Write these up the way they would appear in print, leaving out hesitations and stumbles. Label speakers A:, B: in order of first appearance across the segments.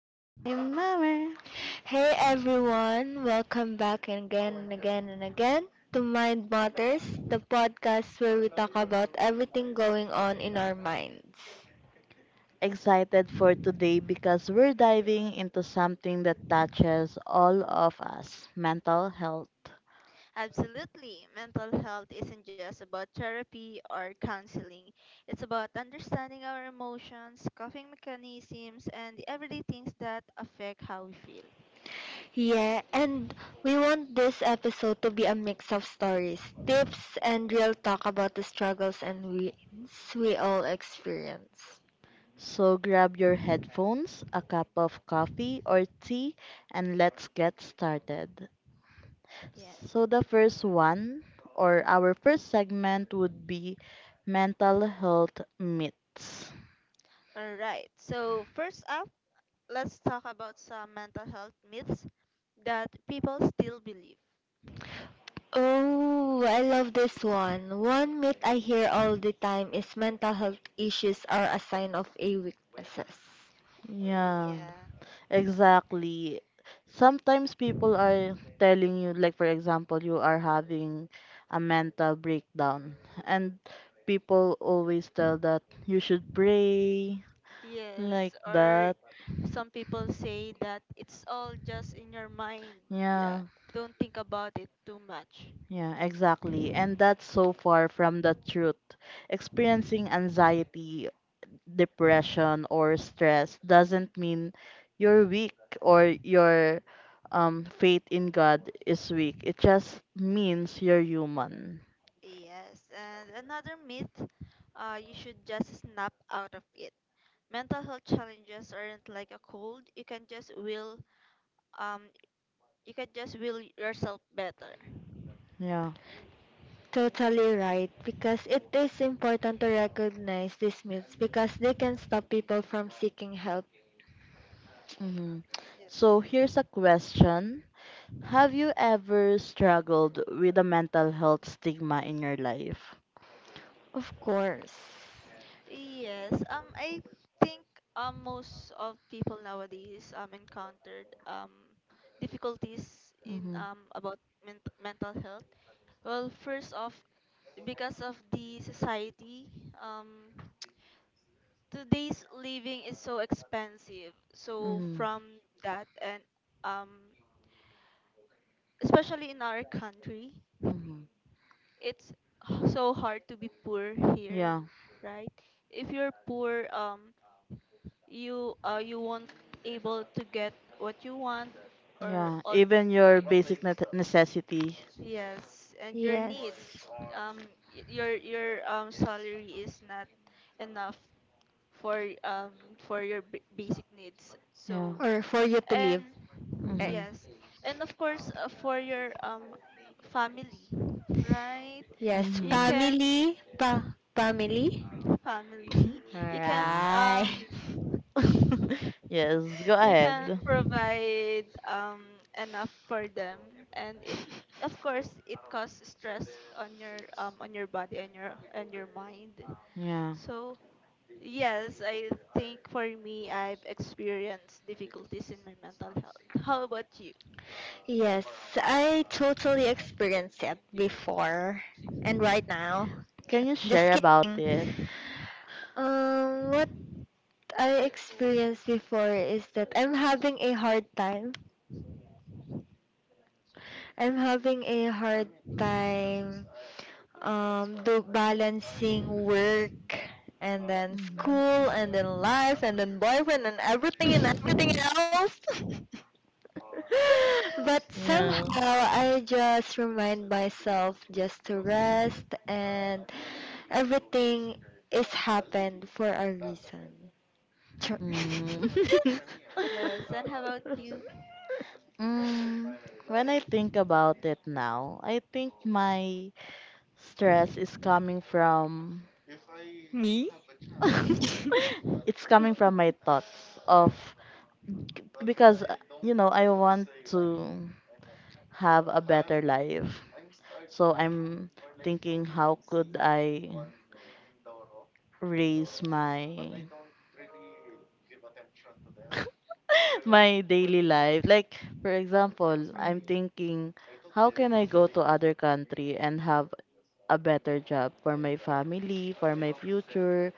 A: na in my
B: Hey everyone, welcome back again and again and again to Mind Matters, the podcast where we talk about everything going on in our minds.
A: Excited for today, because we're diving into something that touches all of us: mental health.
C: Absolutely. Mental health isn't just about therapy or counseling. It's about understanding our emotions, coping mechanisms, and the everyday things that affect how we feel.
B: Yeah, and we want this episode to be a mix of stories, tips, and real talk about the struggles and wins we all experience.
A: So grab your headphones, a cup of coffee or tea, and let's get started.
C: Yes.
A: So, the first one or our first segment would be mental health myths.
C: All right. So, first up, let's talk about some mental health myths that people still believe.
B: Oh, I love this one. One myth I hear all the time is mental health issues are a sign of a weaknesses.
A: Yeah.
C: Yeah.
A: Exactly. Sometimes people are telling you, like, for example, you are having a mental breakdown, and people always tell that you should pray,
C: Yes,
A: like
C: or
A: that.
C: some people say that it's all just in your mind. Yeah,
A: Yeah,
C: don't think about it too much.
A: yeah,
C: Like,
A: exactly. And that's so far from the truth. Experiencing anxiety, depression, or stress doesn't mean you're weak or your faith in God is weak. It just means you're human.
C: yes, and another myth, you should just snap out of it. Mental health challenges aren't like a cold. You can just will um you can just will yourself better.
A: Yeah.
B: Totally right, because it is important to recognize these myths because they can stop people from seeking help.
A: Hmm. So here's a question. Have you ever struggled with a mental health stigma in your life?
B: Of course.
C: Yes, I think most of people nowadays encountered difficulties in
A: Mm-hmm.
C: about mental health. Well, first off, because of the society, um, today's living is so expensive. So
A: Mm-hmm.
C: from that and um, especially in our country,
A: Mm-hmm.
C: it's so hard to be poor here,
A: Yeah.
C: right? If you're poor, you you won't able to get what you want or
A: Yeah.
C: all,
A: Even your basic necessity.
C: yes, and your needs,
B: Yes.
C: um your salary is not enough for um for your basic needs.
A: Yeah.
C: So
B: Or for you to
C: and,
B: live.
A: Mm-hmm.
B: Eh,
C: yes, and of course, for your family, right?
B: yes,
C: You
A: Mm-hmm.
C: can
B: family, pa family.
C: family,
A: Yeah.
B: Alright.
A: Yes. Go
C: you can
A: ahead.
C: provide enough for them. And it, of course it causes stress on your body and your mind.
A: Yeah.
C: So yes, I think for me, I've experienced difficulties in my mental health. How about you?
B: Yes, I totally experienced it before and right now.
A: Can you
B: Just
A: share about
B: kidding.
A: it?
B: What I experienced before is that I'm having a hard time. I'm having a hard time do balancing work and then
A: Mm-hmm.
B: school and then life and then boyfriend and everything else. But somehow
A: Yeah.
B: I just remind myself just to rest and everything is happened for a reason. Sure.
A: Mm.
C: Yes, and how about you?
A: Mm, when I think about it now, I think my stress is coming from
B: Me?
A: it's coming from my thoughts of, because you know I want to have a better life. So I'm thinking, how could I raise my my daily life? Like, for example, I'm thinking, how can I go to other country and have a better job for my family, for my future.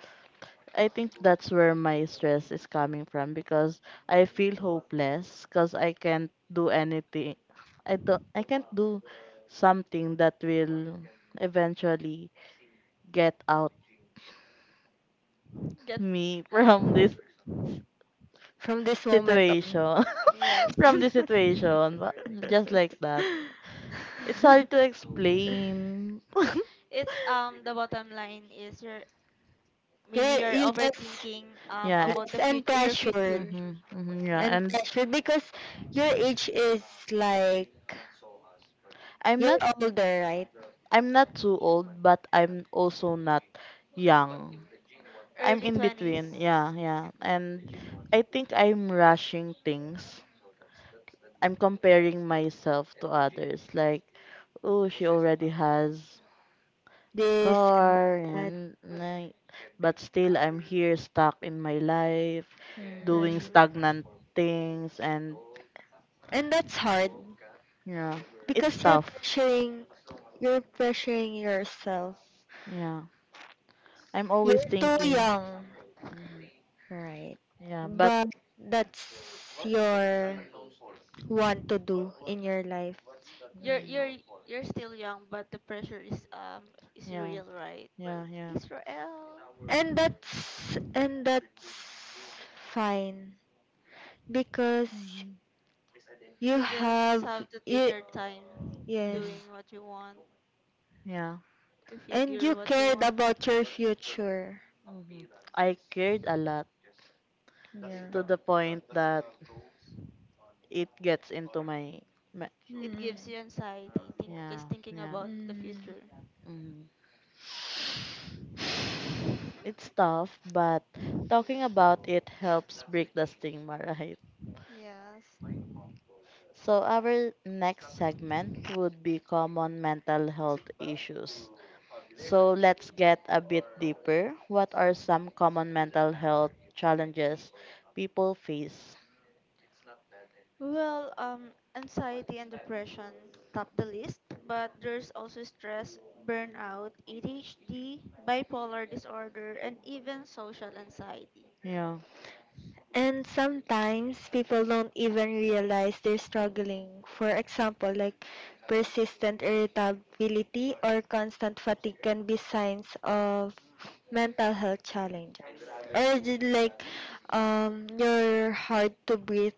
A: I think that's where my stress is coming from, because I feel hopeless because I can't do anything. I can't do something that will eventually get out
C: Get
A: me from this
B: From this moment on.
A: situation.
C: yes,
A: From this situation, but just like that. It's hard to explain.
C: it's the bottom line is your,
B: You
C: maybe you're
B: you just
C: overthinking
A: Yeah.
C: about
B: yes
C: the
B: and
C: future, your
B: pressured,
C: future.
A: Mhm. Mhm. Yeah,
C: Yeah,
B: and
A: and
B: pressured because your age is like,
A: I'm
B: you're
A: not
B: older, right?
A: I'm not too old, but I'm also not young. I'm
C: early
A: in
C: 20s.
A: between. Yeah, yeah. And I think I'm rushing things. I'm comparing myself to others. Like, oh, she already has
B: This and
A: car
B: that,
A: and but still I'm here stuck in my life, doing
C: Pressure.
A: stagnant things. And
B: and that's hard
A: yeah, it's
B: because you're
A: tough.
B: pressuring you're pressuring yourself.
A: Yeah. I'm
B: You're
A: always
B: too
A: thinking.
B: young.
A: Mhm.
B: Right.
A: Yeah, but
B: But that's your want to do in your life.
C: You're
A: mm,
C: you're still young, but the pressure is
A: yeah.
C: real, right?
A: Yeah, yeah.
C: Israel.
B: And that's fine because
A: Mm-hmm.
B: you
C: You just
B: have
C: have to take
B: you,
C: your time
A: Mm-hmm.
B: yes.
C: doing what you want,
A: Yeah.
C: to
B: And
C: figure
B: you
C: what you
B: cared
C: want.
B: about your future.
A: Mm-hmm. I cared a lot, to the
B: Yeah.
A: point that it gets into my.
C: It gives
B: Mm.
C: you anxiety, think
A: Yeah,
C: just thinking
A: yeah.
C: about the
B: Mm.
C: future.
A: Mm-hmm. It's tough, but talking about it helps break the stigma, right?
C: Yes.
A: So our next segment would be common mental health issues. So let's get a bit deeper. What are some common mental health challenges people face?
C: Well, anxiety and depression top the list, but there's also stress, burnout, ADHD, bipolar disorder, and even social anxiety.
A: Yeah.
B: And sometimes people don't even realize they're struggling. For example, like persistent irritability or constant fatigue can be signs of mental health challenges. Or is it like your hard to breathe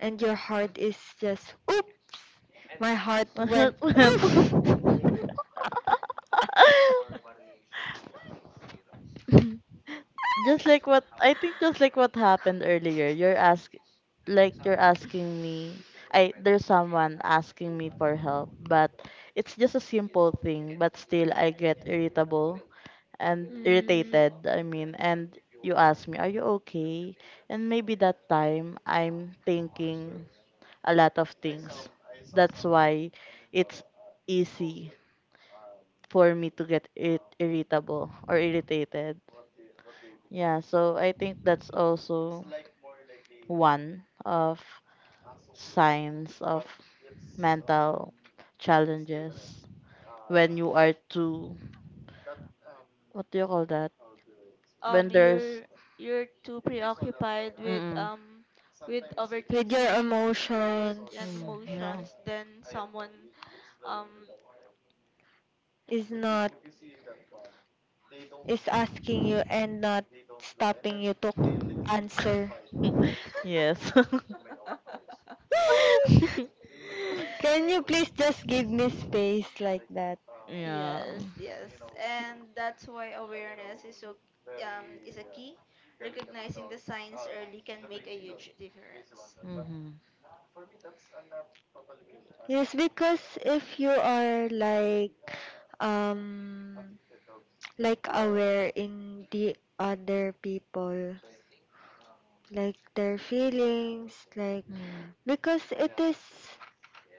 B: and your heart is just oops. My heart
A: My
B: went
A: heart went.
B: oof.
A: Just like what happened earlier, you're ask like you're asking me. I There's someone asking me for help, but it's just a simple thing, but still I get irritable and irritated, I mean. And you ask me, are you okay? And maybe that time I'm thinking a lot of things. That's why it's easy for me to get it irritable or irritated. Yeah, so I think that's also one of signs of mental challenges when you are too, what do you call that? When there's
C: You're too preoccupied
A: mm,
C: with overthinking, right, and
A: mm, yeah.
C: emotions, then someone um
B: is asking you and not
A: Yes.
B: was space that?
A: Yeah.
C: yes, yes, and that's why awareness is so is a key. Recognizing the signs early can make a huge difference.
A: Mhm.
B: Yes, because if you are um like aware in the other people like their feelings, like
A: Mm.
B: because it is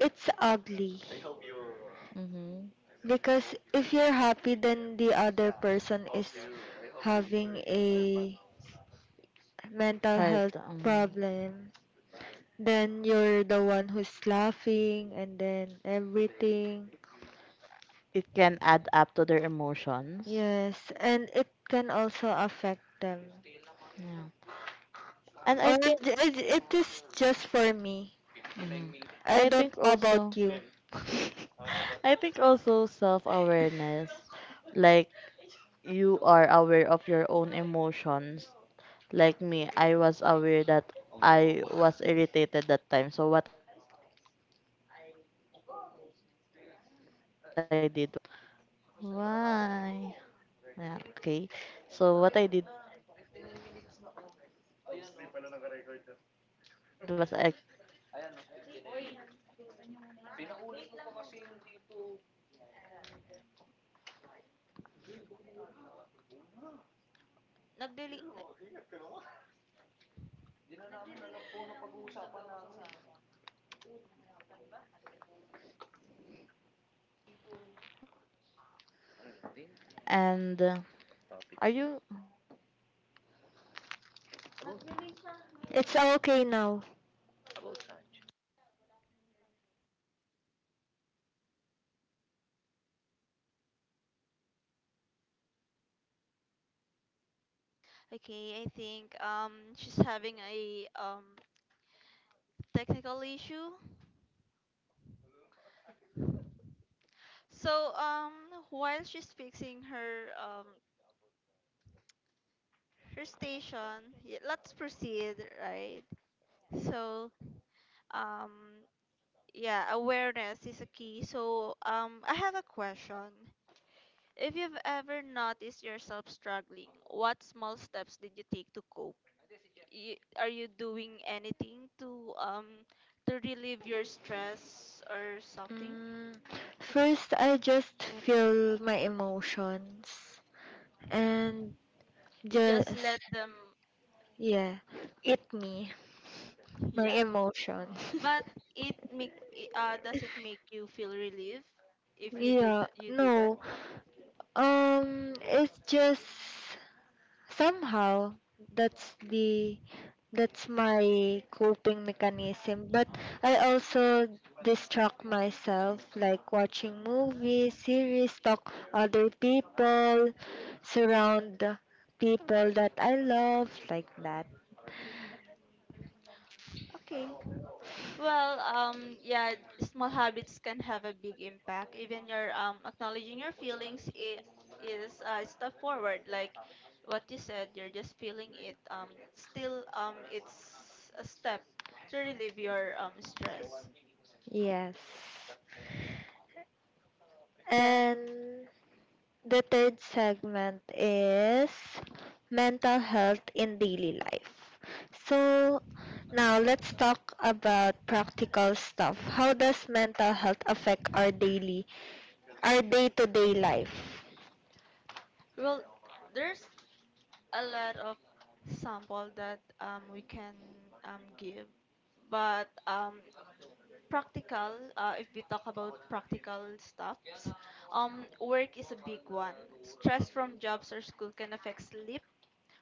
B: it's ugly
A: Mhm.
B: because if you're happy then the other person is having a mental
A: Hard.
B: health problem, then you're the one who's laughing and then everything.
A: It can add up to their emotions.
B: Yes, and it can also affect them.
A: Yeah. And I
B: Or
A: think
B: it is just for me.
A: hmm
B: I
A: I
B: don't
A: think
B: know about
A: also
B: you.
A: I think also self awareness, like you are aware of your own emotions. Like me, I was aware that I was irritated that time. So what I did was I composed myself. Why? Yeah, okay. So what I did was I composed myself first. And are you am I audible?
C: Nagdeli- nag
A: Am I audible? Hello? No?
B: It's okay now.
A: Ang tagal. Wala, wala akong internet. Walang internet.
C: okay, I think she's having a technical issue. So while she's fixing her her station. Let's proceed, right? So, um, yeah, awareness is a key. So, I have a question. If you've ever noticed yourself struggling, what small steps did you take to cope? Y are you doing anything to relieve your stress or something?
B: Mm, first, I just feel my emotions and
C: You
B: just,
C: just let them,
B: yeah, eat me my
C: yeah.
B: emotion.
C: But it does it make you feel relief if you
B: Yeah,
C: you do
B: no.
C: that?
B: It's just somehow that's the that's my coping mechanism. But I also distract myself, like watching movies, series, talk other people, surround the people that I love, like that.
C: Okay, well, yeah, small habits can have a big impact. Even your, acknowledging your feelings is a step forward. Like what you said, you're just feeling it. Still, it's a step to relieve your stress.
B: Yes,
C: Then,
B: and the third segment is mental health in daily life. So now let's talk about practical stuff. How does mental health affect our daily, our day-to-day life?
C: well, there's a lot of sample that we can give, but practical, if we talk about practical stuffs, work is a big one. Stress from jobs or school can affect sleep,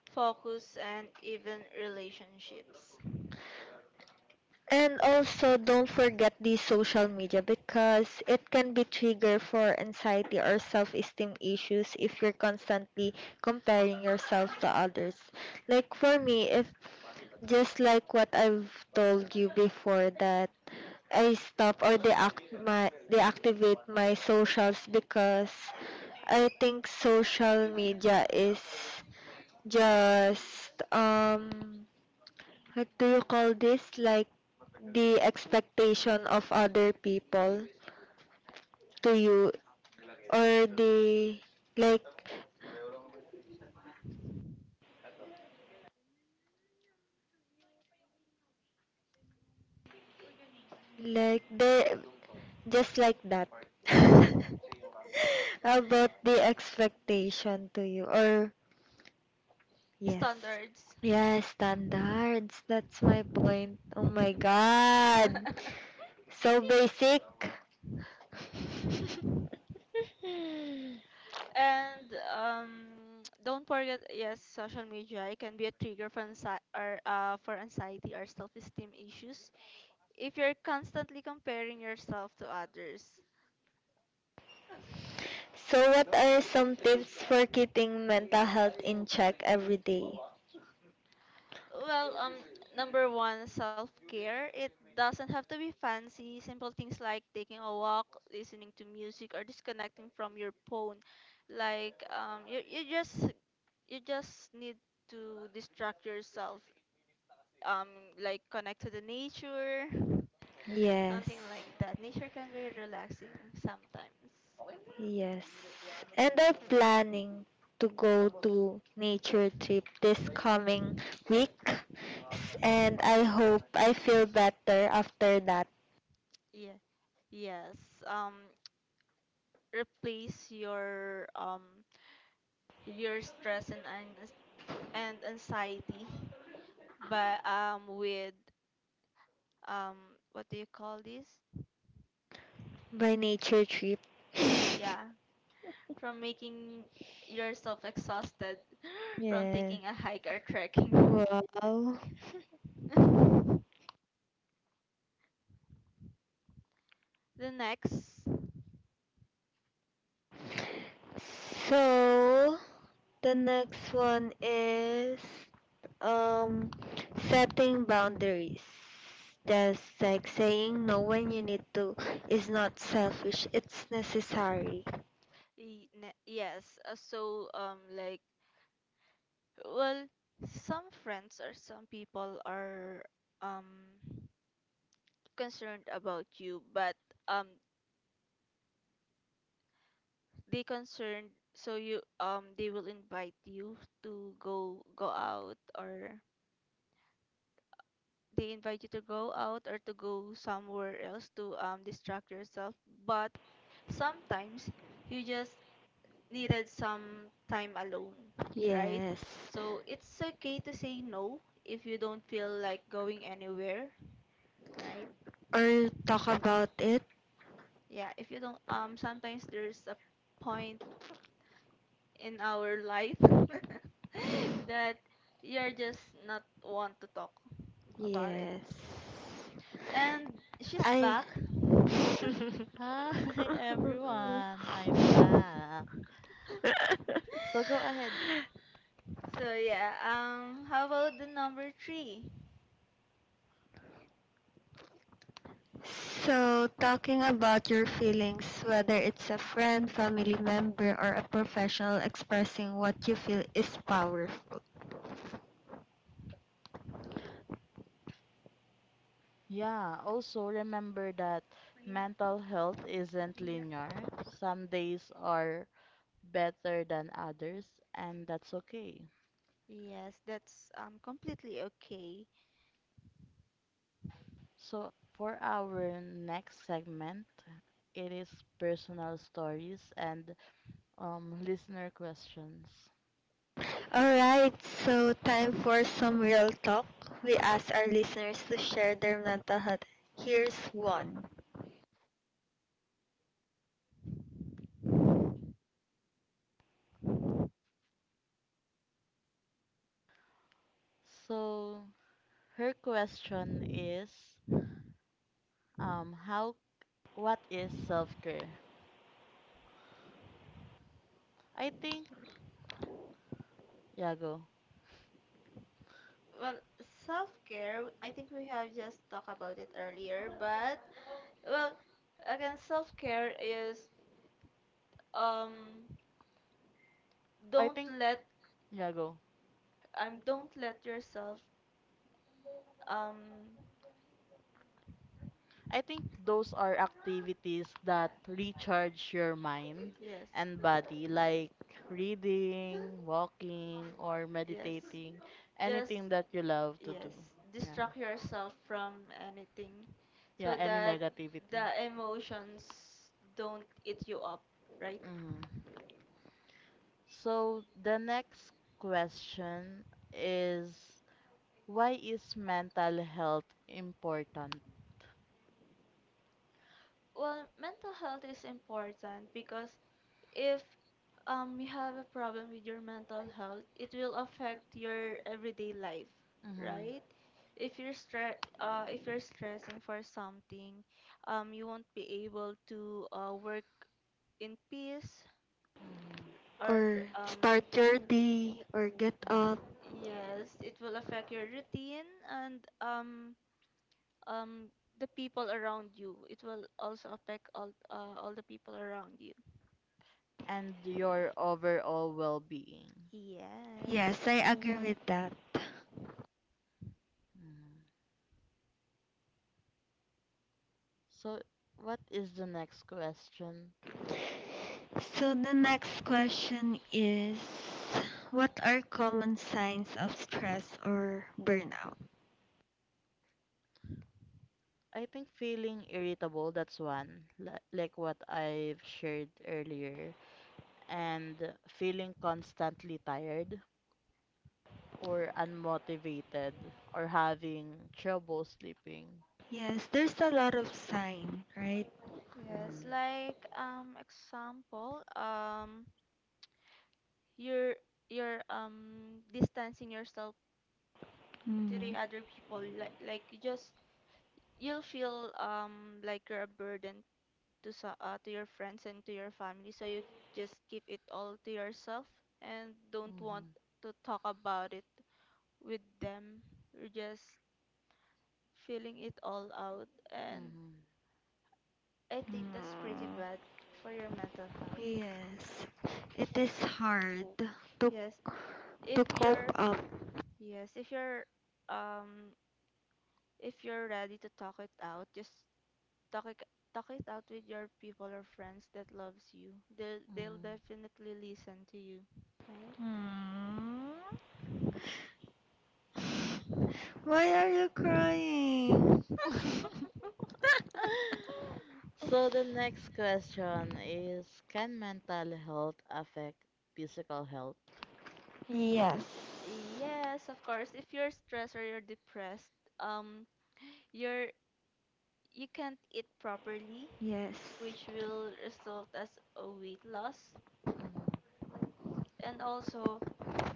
C: focus, and even relationships.
B: And also don't forget the social media because it can be trigger for anxiety or self-esteem issues if you're constantly comparing yourself to others. Like for me, if just like what I've told you before that I stop or deact my deactivate my socials because I think social media is just what do you call this, like the expectation of other people to you or the, like like they just like that about the expectation to you or yes.
C: Standards.
B: Yes, standards. That's my point. Oh my god. So basic.
C: And don't forget, yes, social media, it can be a trigger for for anxiety or self-esteem issues if you're constantly comparing yourself to others.
B: So what are some tips for keeping mental health in check every day? Something
C: Well, number one, self care. It doesn't have to be fancy. Simple things like taking a walk, listening to music, or disconnecting from your phone. Like you just, you just need to distract yourself. Um, like connect to the nature,
B: yes.
C: something like that. Nature can be relaxing sometimes.
B: Yes. And I'm planning to go to nature trip this coming week. S- And I hope I feel better after that.
C: Yeah. Yes. Um, replace your stress and anxiety but with um what do you call this,
B: By nature trip.
C: yeah, from making yourself exhausted from
B: Yeah.
C: taking a hike or trekking.
B: Wow.
C: The next,
B: So the next one is um setting boundaries. That's like saying no when you need to is not selfish. It's necessary.
C: yes, so like, well, some friends or some people are um concerned about you, but um they concerned, so you they will invite you to go out, or they invite you to go out or to go somewhere else to distract yourself, but sometimes you just needed some time alone,
B: Right.
C: right?
B: Yes.
C: So it's okay to say no if you don't feel like going anywhere, right?
B: Or talk about it.
C: Yeah, if you don't, sometimes there's a point in our life that you're just not want to talk
B: Alright.
C: about it.
B: Yes.
C: And she's
B: I
C: back.
D: Hi everyone, I'm back. So go ahead.
C: So yeah, how about the number 3?
B: So, talking about your feelings, whether it's a friend, family member, or a professional, expressing what you feel is powerful.
D: Yeah, also remember that mental health isn't linear. Some days are better than others, and that's okay.
C: Yes, that's completely okay.
D: So for our next segment, it is personal stories and listener questions.
B: Alright, so time for some real talk. We ask our listeners to share their mental health. Here's one.
D: So her question is, um, how, what is self-care? I think, yeah, go.
C: Well, self-care, I think we have just talked about it earlier, but well, again, self-care is um
D: I
C: don't
D: think,
C: let
D: yeah, go.
C: don't let yourself um
D: I think those are activities that recharge your mind
C: yes,
D: and body, like reading, walking, or
C: yes.
D: meditating,
C: Just,
D: anything that you love to do.
C: yes,
D: Yeah.
C: distract yourself from anything
D: Yeah,
C: so
D: any
C: that
D: negativity.
C: the emotions don't eat you up, right?
D: Mm-hmm. So the next question is, why is mental health important?
C: Well, mental health is important because if you have a problem with your mental health, it will affect your everyday life,
D: Mm-hmm.
C: right? If if you're stressing for something, you won't be able to, work in peace
D: Mm-hmm.
C: or
B: Or start your day, or get
D: Yeah.
B: up.
C: yes, it will affect your routine and um the people around you. It will also affect all the people around you.
D: And your overall well-being.
C: Yes.
B: Yes, I agree with that.
D: Mm-hmm. So, what is the next question?
B: So the next question is what are common signs of stress or burnout?
D: I think feeling irritable, that's one, like what I've shared earlier, and feeling constantly tired or unmotivated or having trouble sleeping.
B: Yes, there's a lot of sign, right?
C: Yes,
D: Mm-hmm.
C: like example, you're distancing yourself to the
B: Mm.
C: other people, like you just, you'll feel like you're a burden to, to your friends and to your family, so you just keep it all to yourself and don't want
D: Mm-hmm.
C: to talk about it with them. You're just feeling it all out, and I think that's pretty bad
B: Mm.
C: for your mental health.
B: Yes, it is hard
C: yes
B: to
C: if
B: to cope
C: you're
B: up.
C: yes, um if you're ready to talk it out, just talk it talk it out with your people or friends that loves you. They'll
D: Mm-hmm.
C: definitely listen to you, right?
B: Hmm. Why are you crying?
D: Mm-hmm. So the next question is, can mental health affect physical health?
B: Yes,
C: Yes, of course. If you're stressed or you're depressed, um, you're, you can't eat properly, which
B: yes.
C: will result as a weight loss.
D: Mm-hmm.
C: And also,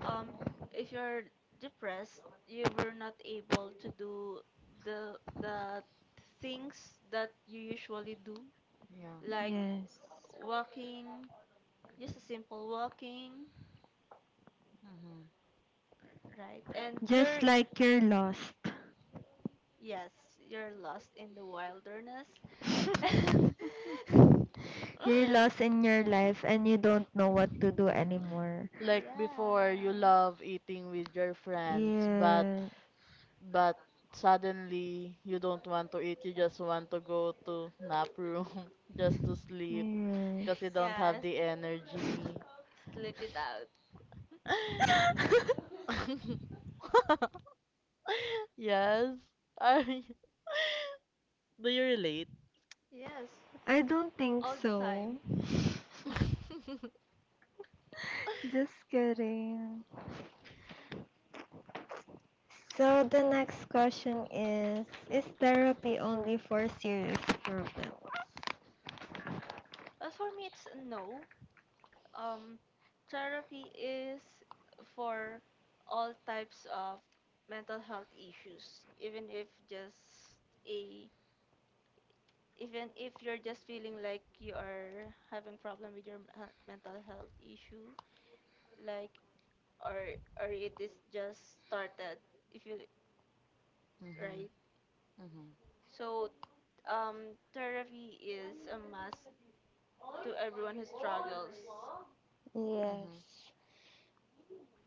C: um, if you're depressed, you were not able to do the things that you usually do,
D: Yeah.
C: like
B: Yes.
C: walking, just a simple walking,
D: Mm-hmm.
C: right? And you're,
B: Just like you're lost.
C: yes, you're lost in the wilderness.
B: You're lost in your life and you don't know what to do anymore.
D: Like before, you
C: Yeah.
D: love eating with your friends, but
B: Yeah.
D: but suddenly you don't want to eat. You just want to go to nap room just to sleep because you
B: Yes.
D: don't have
C: Yes.
D: the energy.
C: Sleep it out.
D: Yes. I. Do you relate?
C: Yes.
B: I don't think
C: All the
B: so.
C: time.
B: Just kidding. So the next question is therapy only for serious problems?
C: Well, for me, it's a no. Um, therapy is for all types of mental health issues, even if just a, even if you're just feeling like you are having problem with your mental health issue, like, or it is just started, if you,
D: Mm-hmm.
C: right.
D: Mm-hmm.
C: So therapy is a must to everyone who struggles.
D: Mm-hmm.
B: Yes,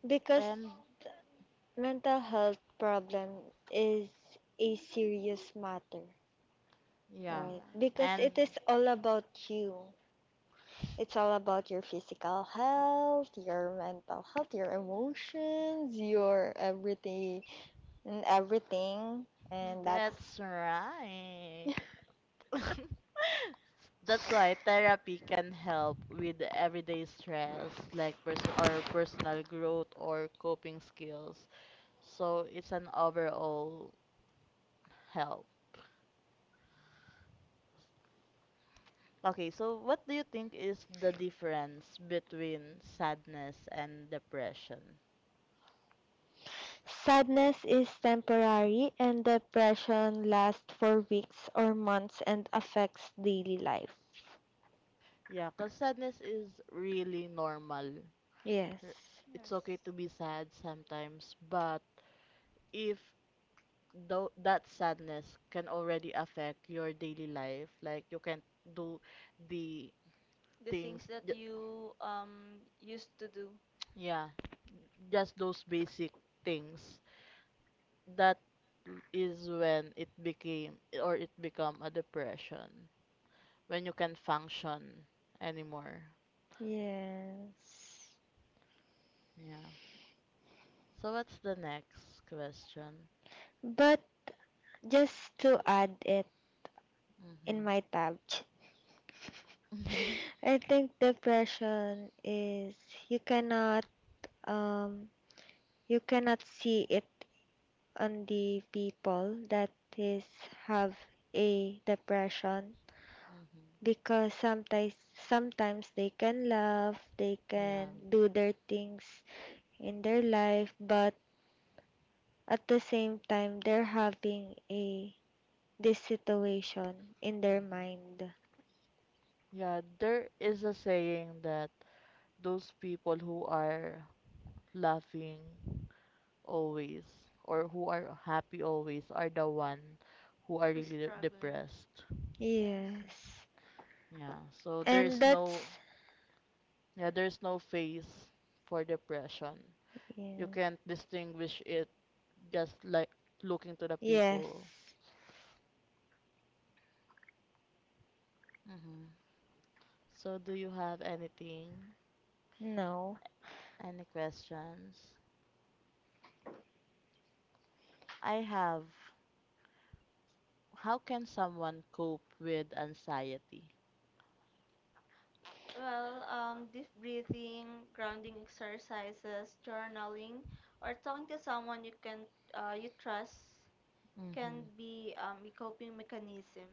B: because
D: And
B: th- mental health problem is a serious matter,
D: yeah.
B: right?
C: Yes.
B: Because
D: And
B: it is all about you. It's all about your physical health, your mental health, your emotions, your everything and everything, and that's
D: that's right. That's why therapy can help with everyday stress, like person or personal growth or coping skills. So it's an overall help. Okay, so what do you think is the difference between sadness and depression?
B: sadness is temporary and depression lasts for weeks or months and affects daily life.
D: Yeah, because sadness is really normal. R-
B: Yes.
C: Yes.
D: It's okay to be sad sometimes, but if though that sadness can already affect your daily life, like you can't do the
C: The things
D: things
C: that
D: ju-
C: you used to do.
D: yeah, just those basic things, that is when it became, or it become a depression when you can function anymore.
B: Yes.
D: Yeah, so what's the next question?
B: But just to add it in
D: Mm-hmm.
B: my tab, I think depression is you cannot um you cannot see it on the people that is have a depression
D: Mm-hmm.
B: because sometimes sometimes they can laugh, they
D: Yeah.
B: can do their things in their life, but at the same time they're having a this situation in their
D: Mm-hmm.
B: mind.
D: Yeah, there is a saying that those people who are laughing always, or who are happy always, are the one who are
C: Who's
D: really
C: struggling?
D: depressed.
C: Yes.
B: Yes.
D: Yeah, so
B: And
D: there's no,
B: that's
D: yeah, there's no face for depression. You
B: yeah.
D: can't distinguish it just like looking to the people.
B: Yes.
D: Hmm. So do you have anything?
B: No.
D: Any questions? I have. How can someone cope with anxiety?
C: Well, deep breathing, grounding exercises, journaling, or talking to someone you can, you trust, can
D: Mm-hmm.
C: be, a coping mechanism,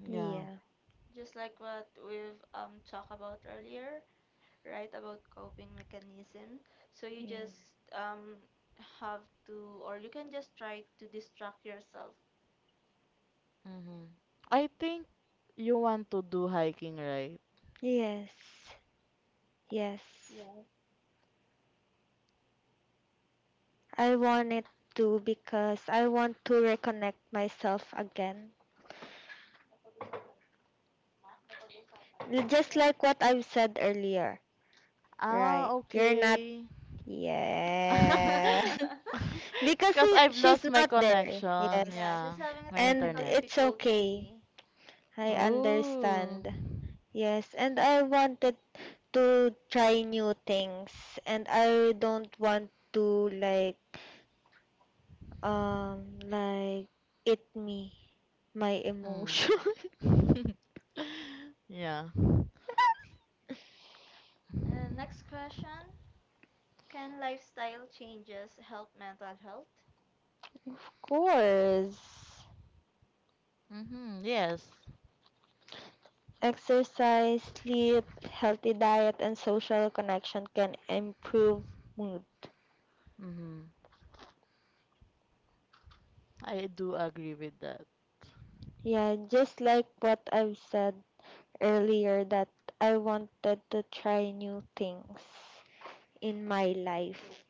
D: Yeah.
B: Yeah.
C: just like what we've, talked about earlier. Right, about coping mechanism, so you just
B: Yes.
C: um have to or you can just try to distract yourself.
D: Mm-hmm. I think you want to do hiking, right?
B: Yes. Yes.
C: Yeah.
B: I wanted to because I want to reconnect myself again. Just like what I've said earlier,
D: Ah,
B: right? You're not,
D: okay.
B: yeah. Because
D: Cause
B: he,
D: I've
B: she's
D: lost my
B: not there,
D: connection.
C: Yeah,
B: yes.
C: she's
D: Yeah,
C: having a
D: my
B: And
C: technical
D: internet.
B: it's okay.
C: difficulty.
B: I
D: Oh.
B: understand. Yes, and I wanted to try new things and I don't want to like eat me my
D: Mm.
B: emotion.
D: Yeah.
C: Next question, can lifestyle changes help mental health?
B: Course,
D: Mhm. Yes.
B: exercise, sleep, healthy diet, and social connection can improve mood.
D: Mhm. I do agree with that.
B: Yeah, just like what I've said earlier, that I wanted to try new things in my life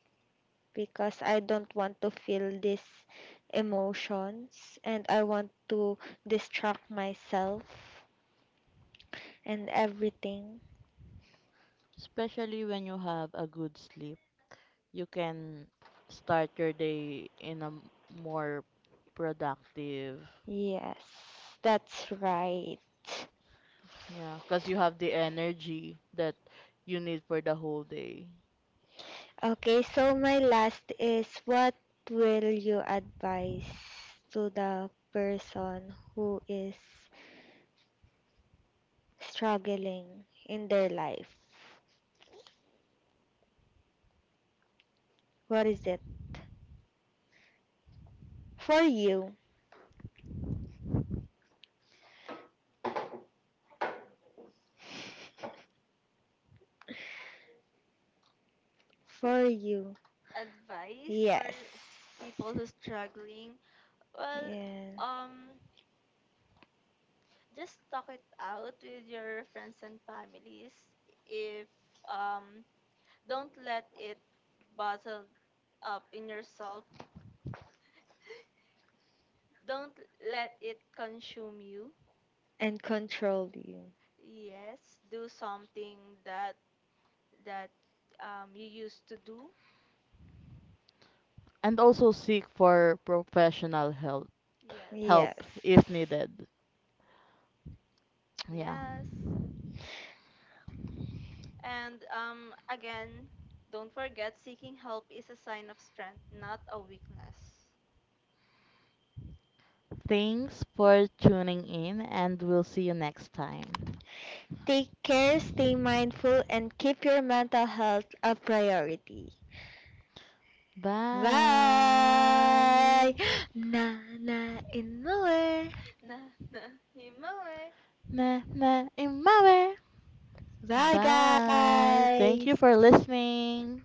B: because I don't want to feel these emotions and I want to distract myself and everything.
D: Especially when you have a good sleep, you can start your day in a more productive.
B: Yes, that's right.
D: Yeah, cause you have the energy that you need for the whole day.
B: Okay, so my last is what will you advise to the person who is struggling in their life? What is it? For you. For you.
C: Advice for
B: Yes.
C: people who's struggling. Well,
B: Yeah.
C: um just talk it out with your friends and families if um don't let it bottle up in yourself. Don't let it consume you.
B: And control you.
C: Yes, do something that that you used to do.
D: And also seek for professional help
C: Yes.
D: help
B: Yes.
D: if needed. Yeah.
C: Yes. And again, don't forget, seeking help is a sign of strength, not a weakness.
D: Thanks for tuning in and we'll see you next time.
B: Take care, stay mindful, and keep your mental health a priority. Bye.
D: Bye.
B: Nana in the way.
C: Na na himoe.
D: Na na imawe.
B: Bye,
D: Bye. Thank you
B: guys.
D: for listening.